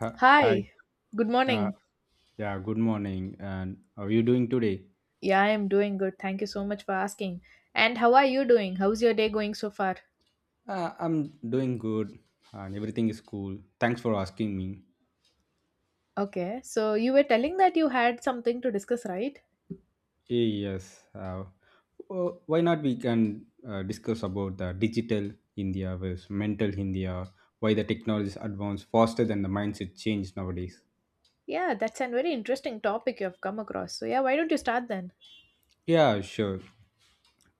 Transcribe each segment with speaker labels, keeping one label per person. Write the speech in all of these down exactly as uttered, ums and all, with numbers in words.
Speaker 1: Hi. Hi.
Speaker 2: Hi, good
Speaker 1: Uh,
Speaker 2: morning.
Speaker 1: yeah, good morning. And how are you doing today?
Speaker 2: Yeah, I am doing good. Thank you so much for asking. And how are you doing? How's your day going so far?
Speaker 1: Uh, I'm doing good and everything is cool. Thanks for asking me.
Speaker 2: Okay, so you were telling that you had something to discuss, right?
Speaker 1: Eh, Yes. Uh, wh- why not we can uh, discuss about the digital India versus mental India, why the technology is advanced faster than the mindset change nowadays.
Speaker 2: Yeah, that's a very interesting topic you have come across. So, yeah, why don't you start then?
Speaker 1: Yeah, sure.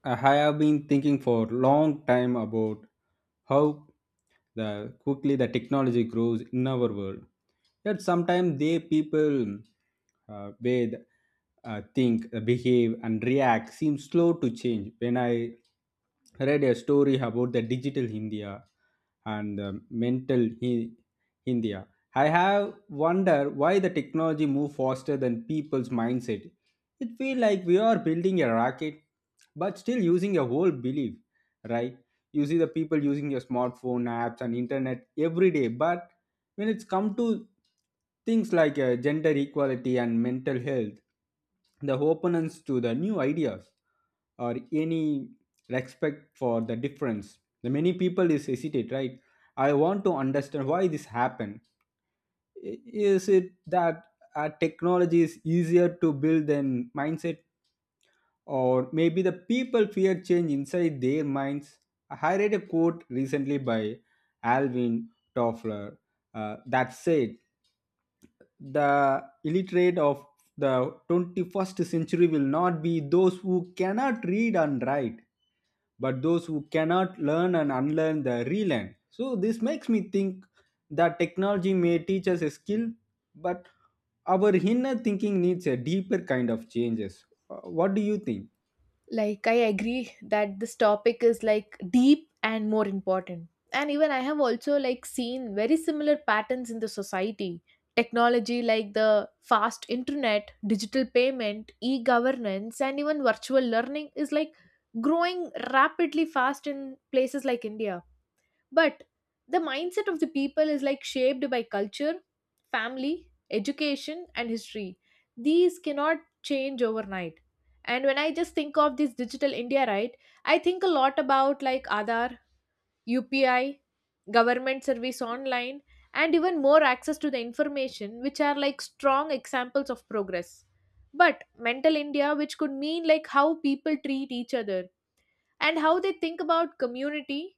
Speaker 1: I have been thinking for long time about how the quickly the technology grows in our world. Yet sometimes they people uh, way uh, think, uh, behave, and react seem slow to change. When I read a story about the digital India and the mental Hi- India, I have wondered why the technology move faster than people's mindset. It feels like we are building a rocket, but still using a whole belief, right? You see the people using your smartphone apps and internet every day, but when it's come to things like uh, gender equality and mental health, the opponents to the new ideas or any respect for the difference. The many people is hesitate, right? I want to understand why this happened. I- Is it that uh, technology is easier to build than mindset? Or maybe the people fear change inside their minds. I read a quote recently by Alvin Toffler uh, that said, "The illiterate of the twenty-first century will not be those who cannot read and write, but those who cannot learn and unlearn the relearn." So, this makes me think that technology may teach us a skill, but our inner thinking needs a deeper kind of changes. Uh, What do you think?
Speaker 2: Like I agree that this topic is like deep and more important. And even I have also like seen very similar patterns in the society. Technology like the fast internet, digital payment, e-governance, and even virtual learning is like growing rapidly fast in places like India. But the mindset of the people is like shaped by culture, family, education, and history. These cannot change overnight. And when I just think of this digital India, right, I think a lot about like Aadhaar, U P I, government service online, and even more access to the information, which are like strong examples of progress. But mental India, which could mean like how people treat each other and how they think about community,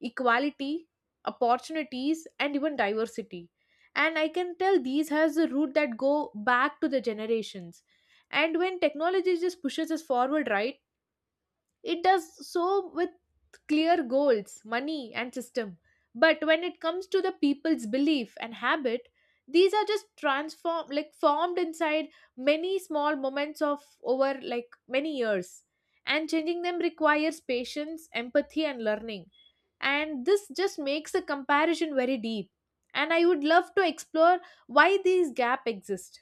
Speaker 2: equality, opportunities, and even diversity. And I can tell these has a root that go back to the generations. And when technology just pushes us forward, right? It does so with clear goals, money, and system. But when it comes to the people's belief and habit, these are just transform, like formed inside many small moments of over like many years. And changing them requires patience, empathy, and learning. And this just makes the comparison very deep. And I would love to explore why these gaps exist.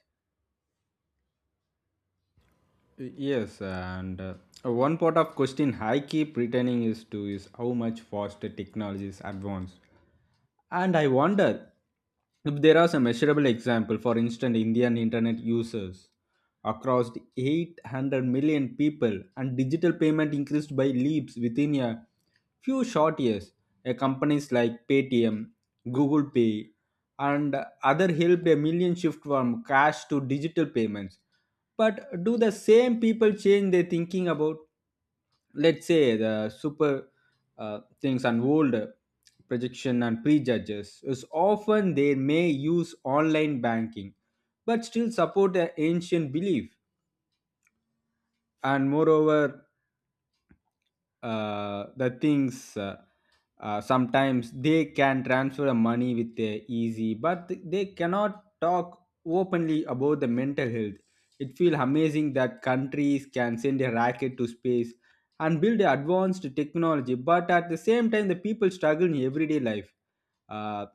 Speaker 1: Yes, and uh, one part of question I keep returning is to is how much faster technology is advanced, and I wonder if there are some measurable example. For instance, Indian internet users across eight hundred million people, and digital payment increased by leaps within a few short years. Uh, companies like Paytm, Google Pay, and other helped a million shift from cash to digital payments, but do the same people change their thinking about, let's say, the super uh, things and old projection and prejudges? Is often they may use online banking, but still support the ancient belief. And moreover, uh, the things uh, uh, sometimes they can transfer the money with uh, easy, but they cannot talk openly about the mental health. It feels amazing that countries can send a rocket to space and build advanced technology, but at the same time the people struggle in everyday life uh,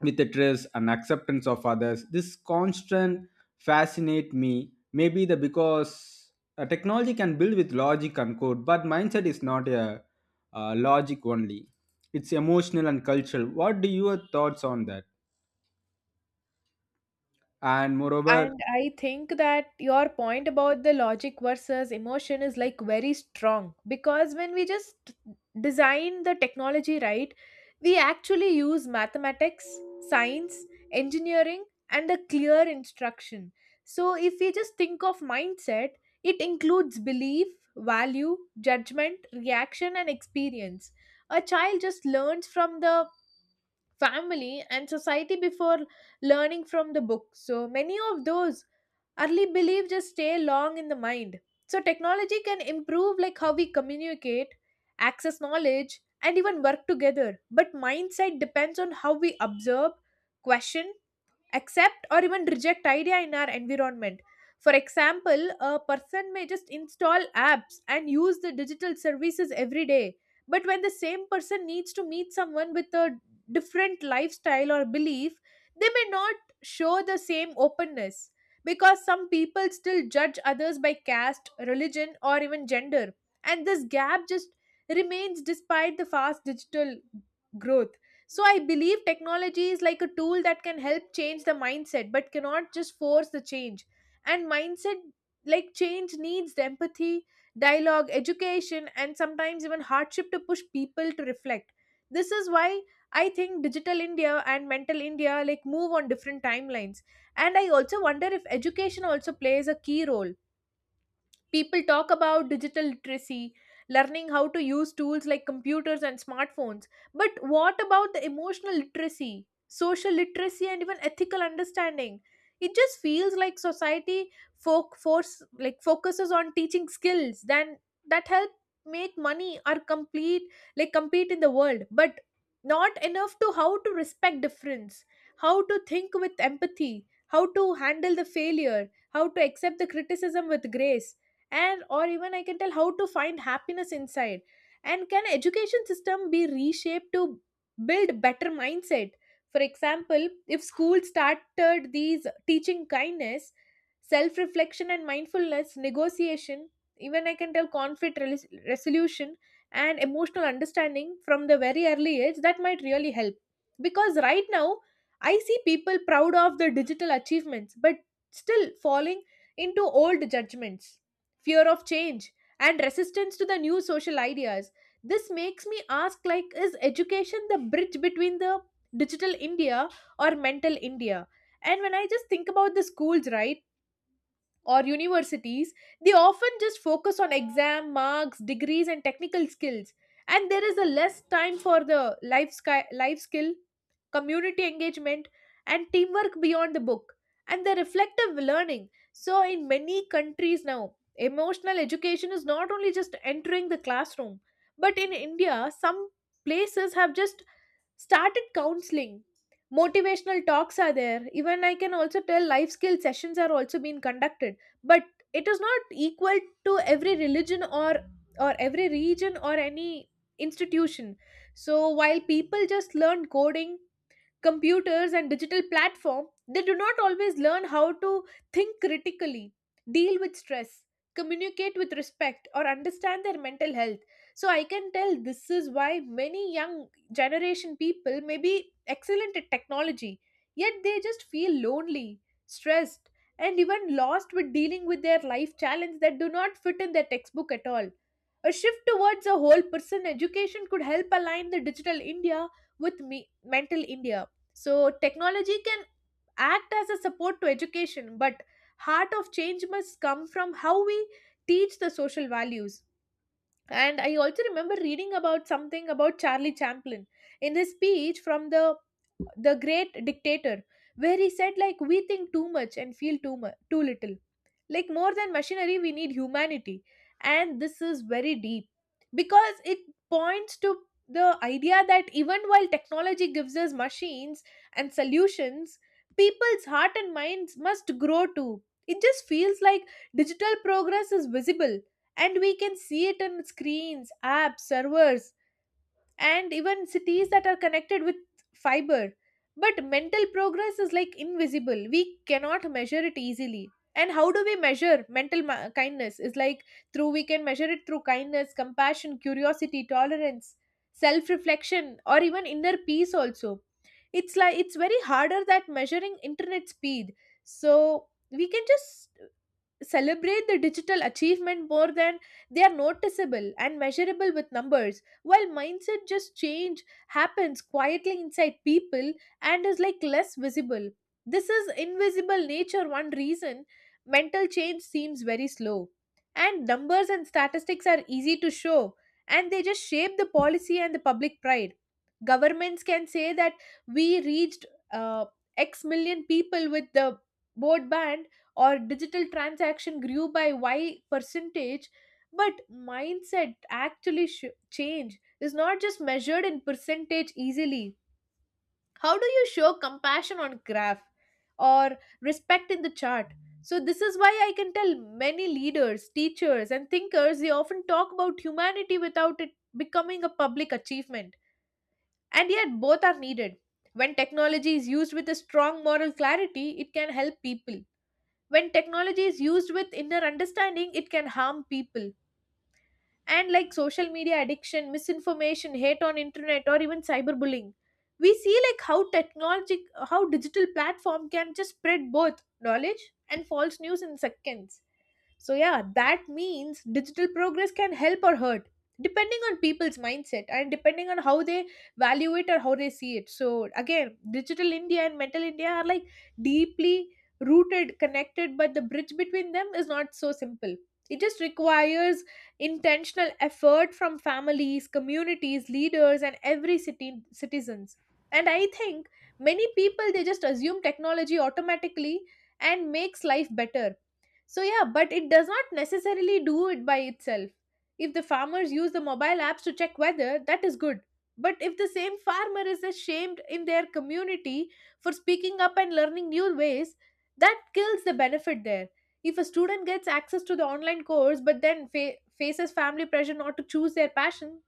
Speaker 1: with the trust and acceptance of others. This constant fascinate me, maybe the because uh, technology can build with logic and code, but mindset is not a uh, logic only. It's emotional and cultural. What do your thoughts on that? And moreover.
Speaker 2: And I think that your point about the logic versus emotion is like very strong, because when we just design the technology, right, we actually use mathematics, science, engineering, and a clear instruction. So if we just think of mindset, it includes belief, value, judgment, reaction, and experience. A child just learns from the family and society before learning from the book. So many of those early belief just stay long in the mind. So technology can improve like how we communicate, access knowledge, and even work together. But mindset depends on how we observe, question, accept, or even reject idea in our environment. For example, a person may just install apps and use the digital services every day. But when the same person needs to meet someone with a different lifestyle or belief, they may not show the same openness, because some people still judge others by caste, religion, or even gender. And this gap just remains despite the fast digital growth. So I believe technology is like a tool that can help change the mindset, but cannot just force the change. And mindset like change needs the empathy, dialogue, education, and sometimes even hardship to push people to reflect. This is why I think digital India and mental India like move on different timelines. And I also wonder if education also plays a key role. People talk about digital literacy, learning how to use tools like computers and smartphones. But what about the emotional literacy, social literacy, and even ethical understanding? It just feels like society folk force like focuses on teaching skills then that help make money or complete, like compete in the world, but not enough to how to respect difference, how to think with empathy, how to handle the failure, how to accept the criticism with grace, and or even I can tell how to find happiness inside. And can education system be reshaped to build better mindset? For example, if schools started these teaching kindness, self reflection, and mindfulness negotiation, even I can tell conflict rel- resolution and emotional understanding from the very early age, that might really help. Because right now I see people proud of the digital achievements but still falling into old judgments, fear of change, and resistance to the new social ideas. This makes me ask, like, is education the bridge between the digital India or mental India? And when I just think about the schools, right, or universities, they often just focus on exam marks, degrees, and technical skills. And there is a less time for the life, sky, life skill, community engagement, and teamwork beyond the book, and the reflective learning. So, in many countries now, emotional education is not only just entering the classroom, but in India, some places have just started counseling. Motivational talks are there. Even I can also tell life skill sessions are also being conducted. But it is not equal to every religion or or every region or any institution. So while people just learn coding, computers, and digital platform, they do not always learn how to think critically, deal with stress, communicate with respect, or understand their mental health. So I can tell this is why many young generation people may be excellent at technology, yet they just feel lonely, stressed, and even lost with dealing with their life challenges that do not fit in their textbook at all. A shift towards a whole person education could help align the digital India with me- mental India. So technology can act as a support to education, but heart of change must come from how we teach the social values. And I also remember reading about something about Charlie Chaplin in his speech from the the great dictator, where he said, like, we think too much and feel too much too little, like more than machinery we need humanity. And this is very deep, because it points to the idea that even while technology gives us machines and solutions, people's heart and minds must grow too. It just feels like digital progress is visible, and we can see it in screens, apps, servers, and even cities that are connected with fiber. But mental progress is like invisible. We cannot measure it easily. And how do we measure mental ma- kindness? Is like, through, we can measure it through kindness, compassion, curiosity, tolerance, self reflection, or even inner peace also. It's like it's very harder that measuring internet speed. So we can just celebrate the digital achievement more than they are noticeable and measurable with numbers, while mindset just change happens quietly inside people and is like less visible. This is invisible nature one reason mental change seems very slow. And numbers and statistics are easy to show, and they just shape the policy and the public pride. Governments can say that we reached uh, x million people with the board ban or digital transaction grew by y percentage. But mindset actually sh- change is not just measured in percentage easily. How do you show compassion on graph, or respect in the chart? So this is why I can tell many leaders, teachers, and thinkers, they often talk about humanity without it becoming a public achievement. And yet both are needed. When technology is used with a strong moral clarity, it can help people. When technology is used with inner understanding, it can harm people. And like social media addiction, misinformation, hate on internet, or even cyberbullying, we see like how technology, how digital platform can just spread both knowledge and false news in seconds. So, yeah, that means digital progress can help or hurt depending on people's mindset and depending on how they value it or how they see it. So, again, digital India and mental India are like deeply rooted, connected, but the bridge between them is not so simple. It just requires intentional effort from families, communities, leaders, and every city citizens. And I think many people they just assume technology automatically and makes life better, so, yeah, but it does not necessarily do it by itself. If the farmers use the mobile apps to check weather, that is good. But if the same farmer is ashamed in their community for speaking up and learning new ways, that kills the benefit there. If a student gets access to the online course but then fa- faces family pressure not to choose their passion,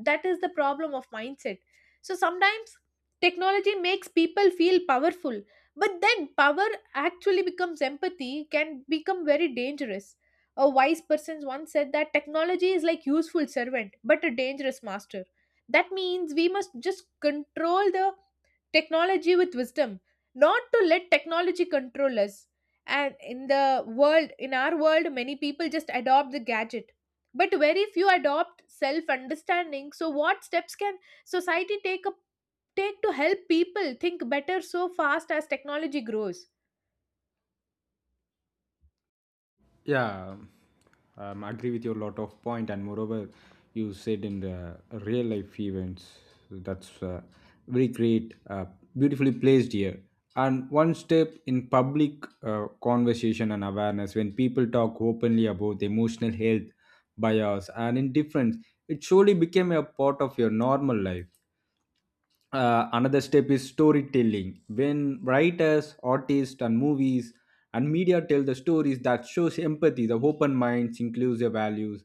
Speaker 2: that is the problem of mindset. So sometimes technology makes people feel powerful but then power actually becomes empathy, can become very dangerous. A wise person once said that technology is like useful servant, but a dangerous master. That means we must just control the technology with wisdom, not to let technology control us. And in the world, in our world, many people just adopt the gadget. But very few adopt self understanding. So, what steps can society take up take to help people think better so fast as technology grows.
Speaker 1: Yeah, um, I agree with your lot of point, and moreover, you said in the real life events, that's uh, very great, uh, beautifully placed here. And one step in public uh, conversation and awareness, when people talk openly about emotional health, bias, and indifference, it surely became a part of your normal life. Uh, another step is storytelling. When writers, artists, and movies and media tell the stories that shows empathy, the open minds, inclusive values,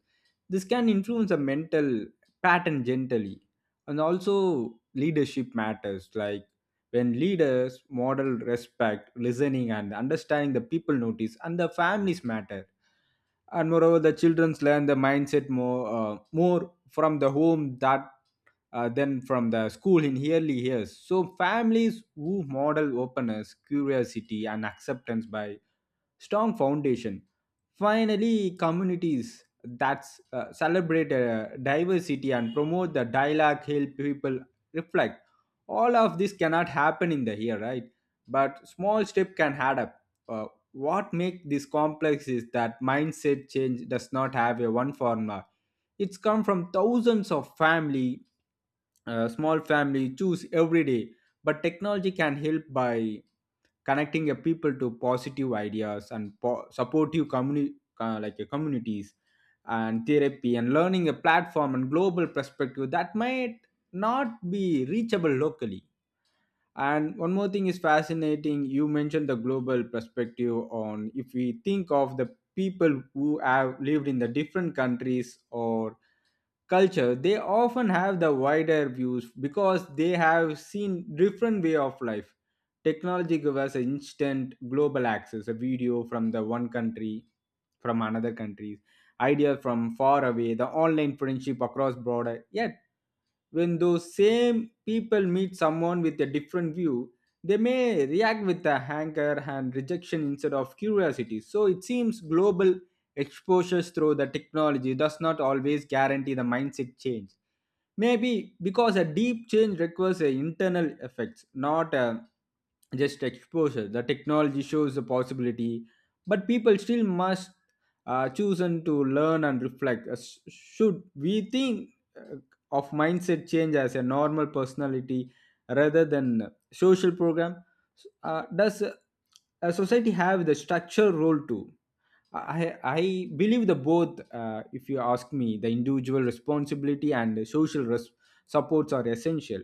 Speaker 1: this can influence a mental pattern gently. And also, leadership matters. Like when leaders model respect, listening, and understanding, the people notice, and the families matter. And moreover, the childrens learn the mindset more uh, more from the home that uh, than from the school in early years. So families who model openness, curiosity, and acceptance by strong foundation. Finally, communities that uh, celebrate uh, diversity and promote the dialogue help people reflect. All of this cannot happen in the here, right? But small step can add up. Uh, what makes this complex is that mindset change does not have a one formula. It's come from thousands of family, uh, small family choose every day. But technology can help by connecting a people to positive ideas and po- supportive communi- uh, like uh, communities and therapy and learning a platform and global perspective that might not be reachable locally. And one more thing is fascinating. You mentioned the global perspective on, if we think of the people who have lived in the different countries or culture, they often have the wider views because they have seen different way of life. Technology gives us instant global access, a video from the one country, from another country, idea from far away, the online friendship across border. Yet when those same people meet someone with a different view, they may react with a anger and rejection instead of curiosity. So it seems global exposures through the technology does not always guarantee the mindset change, maybe because a deep change requires a internal effects, not a just exposure. The technology shows the possibility, but people still must uh, choose and to learn and reflect. Uh, sh- should we think uh, of mindset change as a normal personality rather than social program? Uh, does uh, a society have the structure role too? I, I believe the both, uh, if you ask me, the individual responsibility and the social res- supports are essential.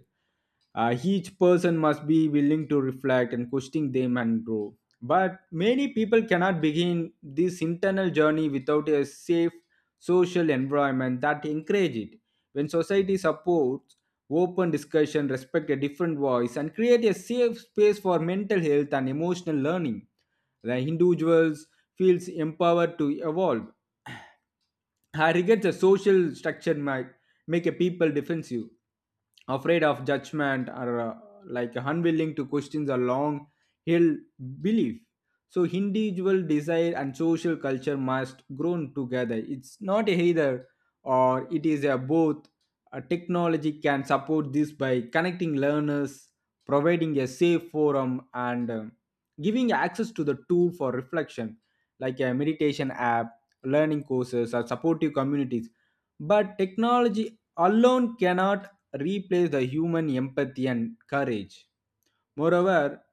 Speaker 1: Uh, each person must be willing to reflect and question them and grow. But many people cannot begin this internal journey without a safe social environment that encourage it. When society supports open discussion, respect a different voice, and create a safe space for mental health and emotional learning, the individuals feels empowered to evolve. I regrets a social structure might make a people defensive, afraid of judgment, or uh, like unwilling to question a long held belief. So individual desire and social culture must grow together. It's not either or, it is a both. A technology can support this by connecting learners, providing a safe forum, and um, giving access to the tool for reflection, like a meditation app, learning courses, or supportive communities. But technology alone cannot replace the human empathy and courage. Moreover,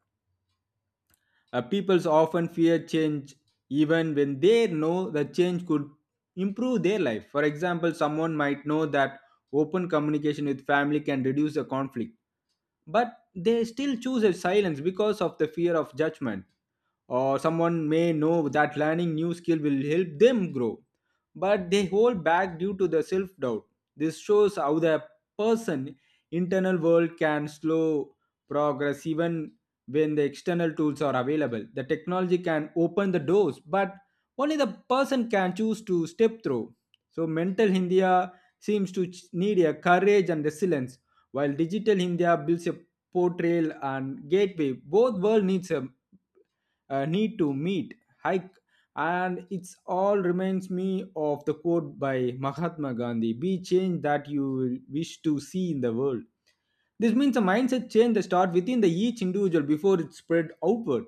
Speaker 1: uh, peoples often fear change even when they know the change could improve their life. For example, someone might know that open communication with family can reduce the conflict, but they still choose a silence because of the fear of judgment. Or someone may know that learning new skill will help them grow, but they hold back due to the self doubt. This shows how the person internal world can slow progress even when the external tools are available. The technology can open the doors, but only the person can choose to step through. So mental India seems to ch- need a courage and resilience, while digital India builds a portrayal and gateway. Both world needs a uh, need to meet, hike, and it's all reminds me of the quote by Mahatma Gandhi: "Be change that you wish to see in the world." This means a mindset change that starts within the each individual before it's spread outward.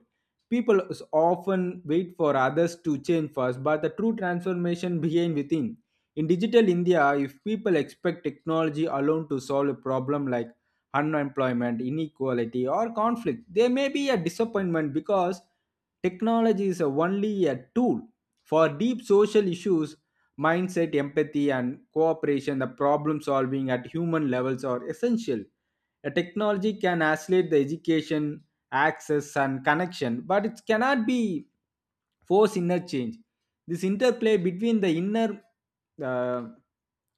Speaker 1: People s- often wait for others to change first, but the true transformation begins within. In digital India, if people expect technology alone to solve a problem like unemployment, inequality, or conflict, there may be a disappointment because technology is a- only a tool. For deep social issues, mindset, empathy, and cooperation, the problem solving at human levels are essential. A technology can accelerate the education, access, and connection, but it cannot be force inner change. This interplay between the inner uh,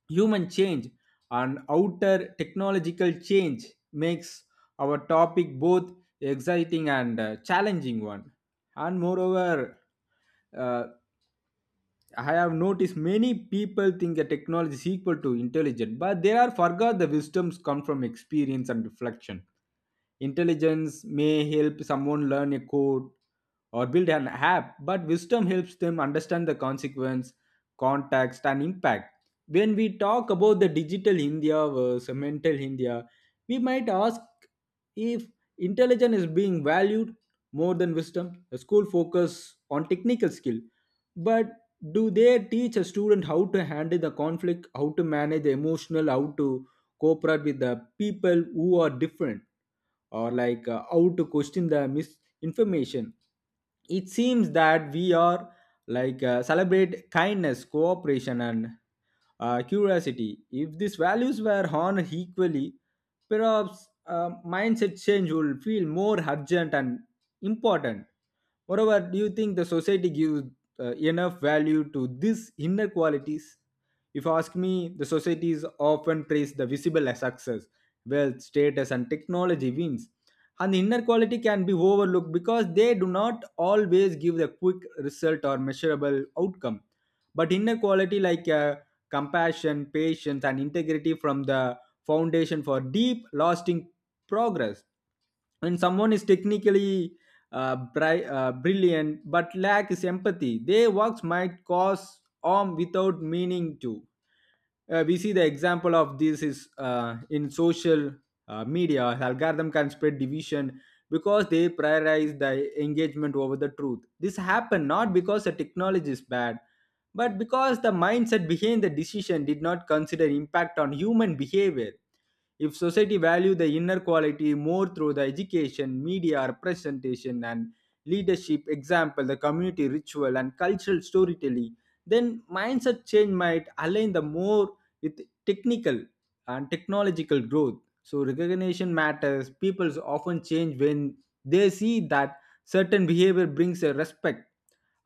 Speaker 1: human change and outer technological change makes our topic both exciting and uh, challenging one. And moreover, uh, I have noticed many people think that technology is equal to intelligent, but they are forgot the wisdoms come from experience and reflection. Intelligence may help someone learn a code or build an app, but wisdom helps them understand the consequence, context, and impact. When we talk about the digital India versus mental India, we might ask if intelligence is being valued more than wisdom. The school focus on technical skill, but do they teach a student how to handle the conflict, how to manage the emotional, how to cooperate with the people who are different, or like uh, how to question the misinformation? It seems that we are like uh, celebrate kindness, cooperation, and uh, curiosity. If these values were honored equally, perhaps uh, mindset change will feel more urgent and important. Moreover, do you think the society gives uh, enough value to these inner qualities? If you ask me, the societies often praise the visible as success, wealth, status, and technology wins. And the inequality can be overlooked because they do not always give a quick result or measurable outcome. But inner quality like uh, compassion, patience, and integrity from the foundation for deep, lasting progress. When someone is technically uh, bri- uh, brilliant but lacks empathy, their works might cause harm without meaning to. Uh, we see the example of this is uh, in social uh, media. Algorithm can spread division because they prioritize the engagement over the truth. This happened not because the technology is bad, but because the mindset behind the decision did not consider impact on human behavior. If society value the inner quality more through the education, media representation, and leadership example, the community ritual and cultural storytelling, then mindset change might align the more with technical and technological growth. So recognition matters. People often change when they see that certain behavior brings a respect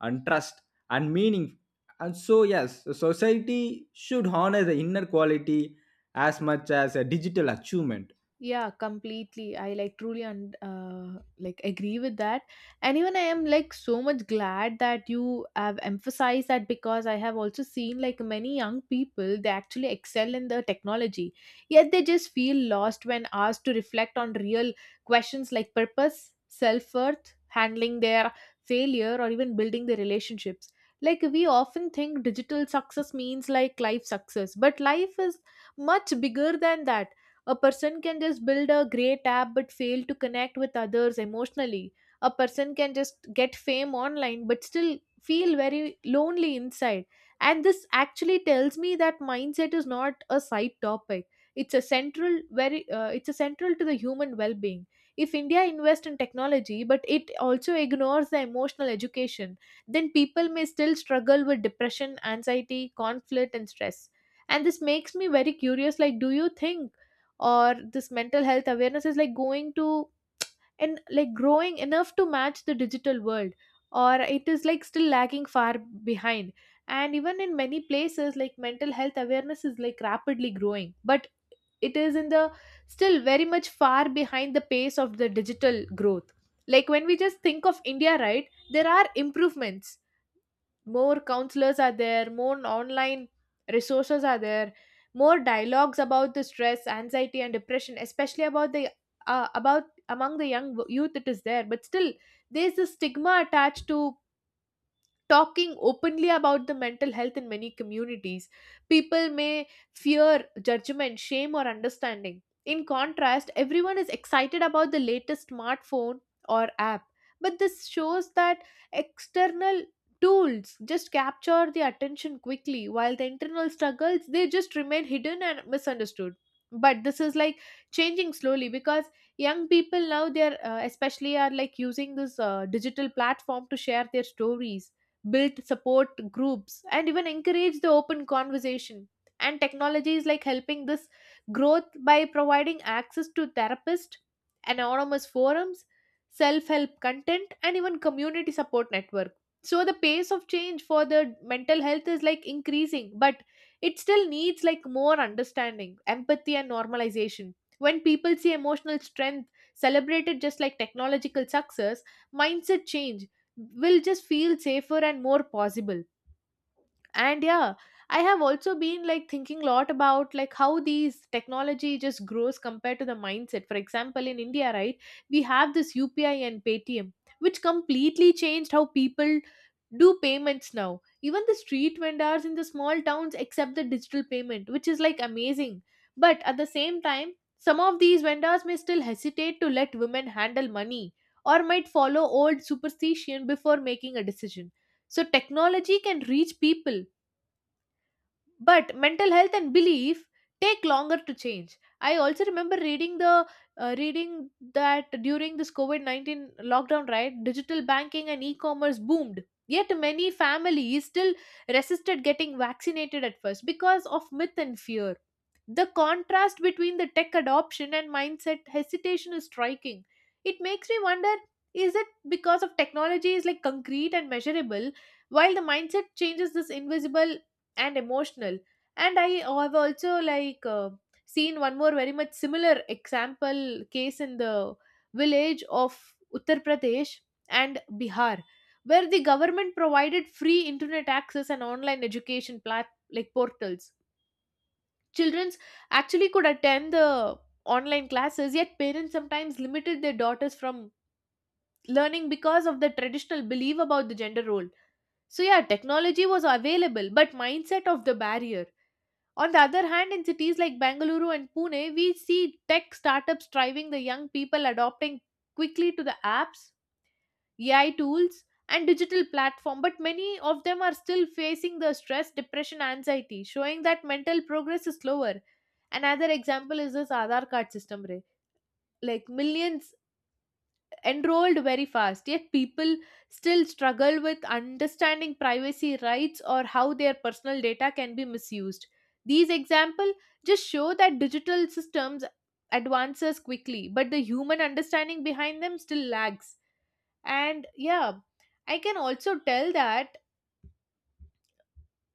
Speaker 1: and trust and meaning. And so, yes, society should honor the inner quality as much as a digital achievement.
Speaker 2: Yeah, completely, I like truly and uh, like agree with that. And even I am like so much glad that you have emphasized that, because I have also seen like many young people, they actually excel in the technology, yet they just feel lost when asked to reflect on real questions like purpose, self-worth, handling their failure, or even building their relationships. Like we often think digital success means like life success, but life is much bigger than that. A person can just build a great app but fail to connect with others emotionally. A person can just get fame online but still feel very lonely inside. And this actually tells me that mindset is not a side topic. It's a central very uh, it's a central to the human well-being. If India invests in technology but it also ignores the emotional education, then people may still struggle with depression, anxiety, conflict and stress. And this makes me very curious, like do you think or this mental health awareness is like going to and like growing enough to match the digital world, or it is like still lagging far behind? And even in many places, like mental health awareness is like rapidly growing, but it is in the still very much far behind the pace of the digital growth. Like when we just think of India, right, there are improvements. More counselors are there, more online resources are there, more dialogues about the stress, anxiety and depression, especially about the uh, about among the young w- youth it is there, but still there's a stigma attached to talking openly about the mental health in many communities. People may fear judgment, shame, or understanding. In contrast, everyone is excited about the latest smartphone or app. But this shows that external tools just capture the attention quickly, while the internal struggles they just remain hidden and misunderstood. But this is like changing slowly, because young people now, they're uh, especially are like using this uh, digital platform to share their stories, build support groups, and even encourage the open conversation. And technology is like helping this growth by providing access to therapists, anonymous forums, self help content, and even community support network. So the pace of change for the mental health is like increasing, but it still needs like more understanding, empathy, and normalization. When people see emotional strength celebrated just like technological success, mindset change will just feel safer and more possible. And yeah, I have also been like thinking a lot about like how these technology just grows compared to the mindset. For example, in India, right, we have this U P I and Paytm, which completely changed how people do payments. Now even the street vendors in the small towns accept the digital payment, which is like amazing. But at the same time, some of these vendors may still hesitate to let women handle money, or might follow old superstition before making a decision. So technology can reach people, but mental health and belief take longer to change. I also remember reading the uh, reading that during this covid nineteen lockdown, right, digital banking and e-commerce boomed, yet many families still resisted getting vaccinated at first because of myth and fear. The contrast between the tech adoption and mindset hesitation is striking. It makes me wonder, is it because of technology is like concrete and measurable, while the mindset changes this invisible and emotional? And I have also like uh, seen one more very much similar example case in the village of Uttar Pradesh and Bihar, where the government provided free internet access and online education plat- like portals. Children actually could attend the online classes, yet parents sometimes limited their daughters from learning because of the traditional belief about the gender role. So yeah, technology was available but mindset of the barrier. On the other hand, in cities like Bengaluru and Pune, we see tech startups driving the young people adopting quickly to the apps, A I tools, and digital platform, but many of them are still facing the stress, depression, anxiety, showing that mental progress is slower. Another example is this Aadhaar card system. Ray. Like millions enrolled very fast, yet people still struggle with understanding privacy rights or how their personal data can be misused. These examples just show that digital systems advances quickly, but the human understanding behind them still lags. And yeah, i can also tell that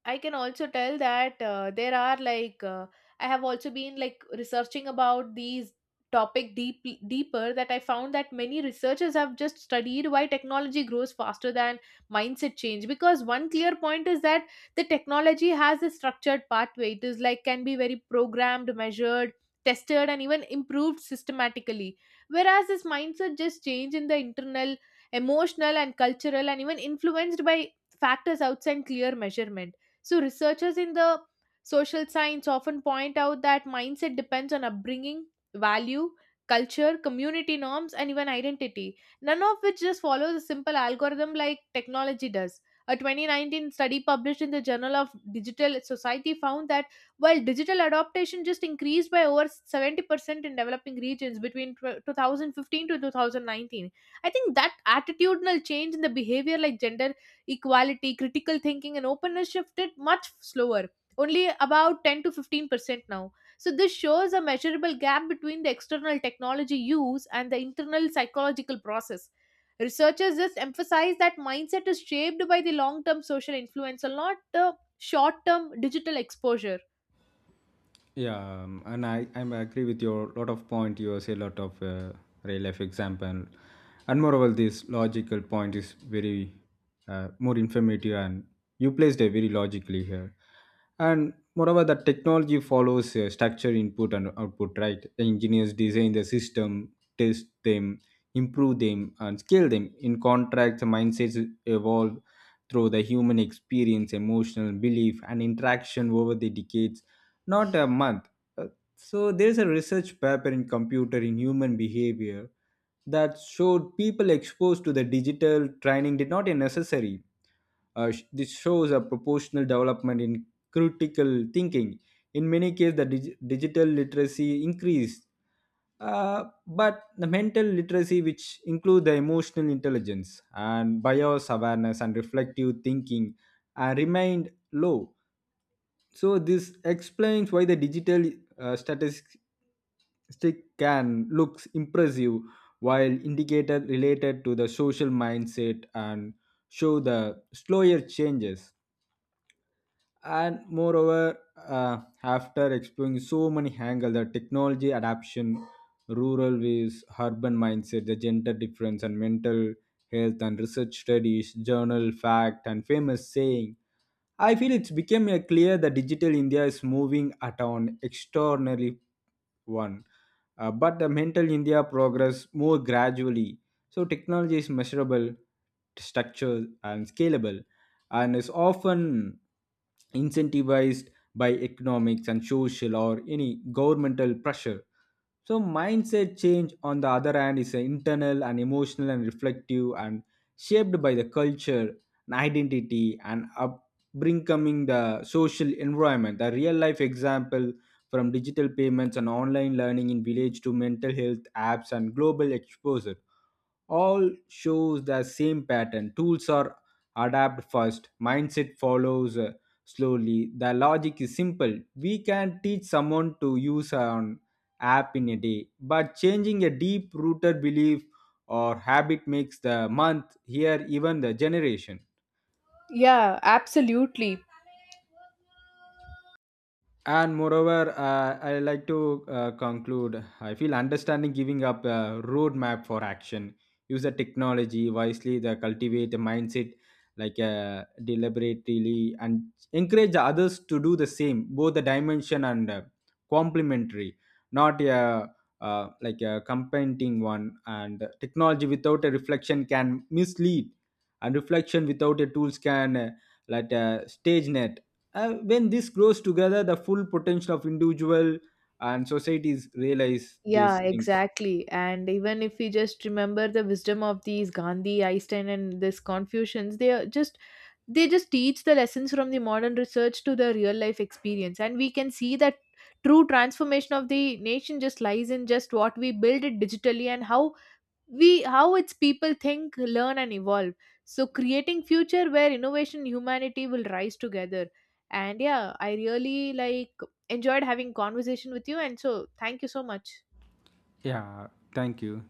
Speaker 2: I can also tell that uh, there are like uh, I have also been like researching about these topic deep deeper, that I found that many researchers have just studied why technology grows faster than mindset change, because one clear point is that the technology has a structured pathway. It is like can be very programmed, measured, tested and even improved systematically, whereas this mindset just change in the internal, emotional and cultural and even influenced by factors outside clear measurement. So, researchers in the social science often point out that mindset depends on upbringing, value, culture, community norms, and even identity, none of which just follows a simple algorithm like technology does. A twenty nineteen study published in the Journal of Digital Society found that while digital adoption just increased by over seventy percent in developing regions between tw- two thousand fifteen to twenty nineteen, I think that attitudinal change in the behavior like gender equality, critical thinking, and openness shifted much slower, only about ten to fifteen percent now. So, this shows a measurable gap between the external technology use and the internal psychological process. Researchers just emphasize that mindset is shaped by the long term social influence and not the short term digital exposure.
Speaker 1: Yeah, um, and I I agree with your lot of point. You say lot of uh, real life example, and moreover, this logical point is very uh, more informative, and you placed it very logically here. And moreover, the technology follows uh, structure, input, and output. Right, the engineers design the system, test them, improve them, and scale them. In contract, the mindsets evolve through the human experience, emotional belief, and interaction over the decades, not a month. Uh, So there's a research paper in computer in human behavior that showed people exposed to the digital training did not a necessary. Uh, sh- this shows a proportional development in critical thinking. In many cases, the dig- digital literacy increased, uh, but the mental literacy, which includes the emotional intelligence and bias awareness and reflective thinking, uh, remained low. So this explains why the digital uh, statistic can looks impressive, while indicator related to the social mindset and show the slower changes. And moreover, uh, after exploring so many angles, the technology adaption, rural ways, urban mindset, the gender difference and mental health and research studies, journal fact and famous saying, I feel it's become uh, clear that digital India is moving at an extraordinary one, uh, but the mental India progress more gradually. So technology is measurable, structured, and scalable, and is often incentivized by economics and social or any governmental pressure. So mindset change, on the other hand, is uh, internal and emotional and reflective and shaped by the culture and identity and upbringing, the social environment. The real life example, from digital payments and online learning in village to mental health apps and global exposure, all shows the same pattern. Tools are adapted first, mindset follows uh, slowly. The logic is simple: we can teach someone to use an app in a day, but changing a deep rooted belief or habit makes the month, year, even the generation.
Speaker 2: Yeah, absolutely.
Speaker 1: And moreover, uh, I like to uh, conclude. I feel understanding giving up a roadmap for action. Use the technology wisely. The cultivate a mindset, like uh, deliberately, and encourage the others to do the same. Both the dimension and uh, complementary, not a uh, like a competing one. And technology without a reflection can mislead, and reflection without a tools can uh, like a stage net, uh, when this grows together, the full potential of individual and societies realize
Speaker 2: Yeah,
Speaker 1: these things.
Speaker 2: exactly. And even if we just remember the wisdom of these Gandhi, Einstein, and this Confucians, they are just they just teach the lessons from the modern research to the real life experience, and we can see that true transformation of the nation just lies in just what we build it digitally and how we how its people think, learn, and evolve. So creating future where innovation, and humanity will rise together. And yeah, I really like enjoyed having conversation with you, and so thank you so much.
Speaker 1: Yeah, thank you.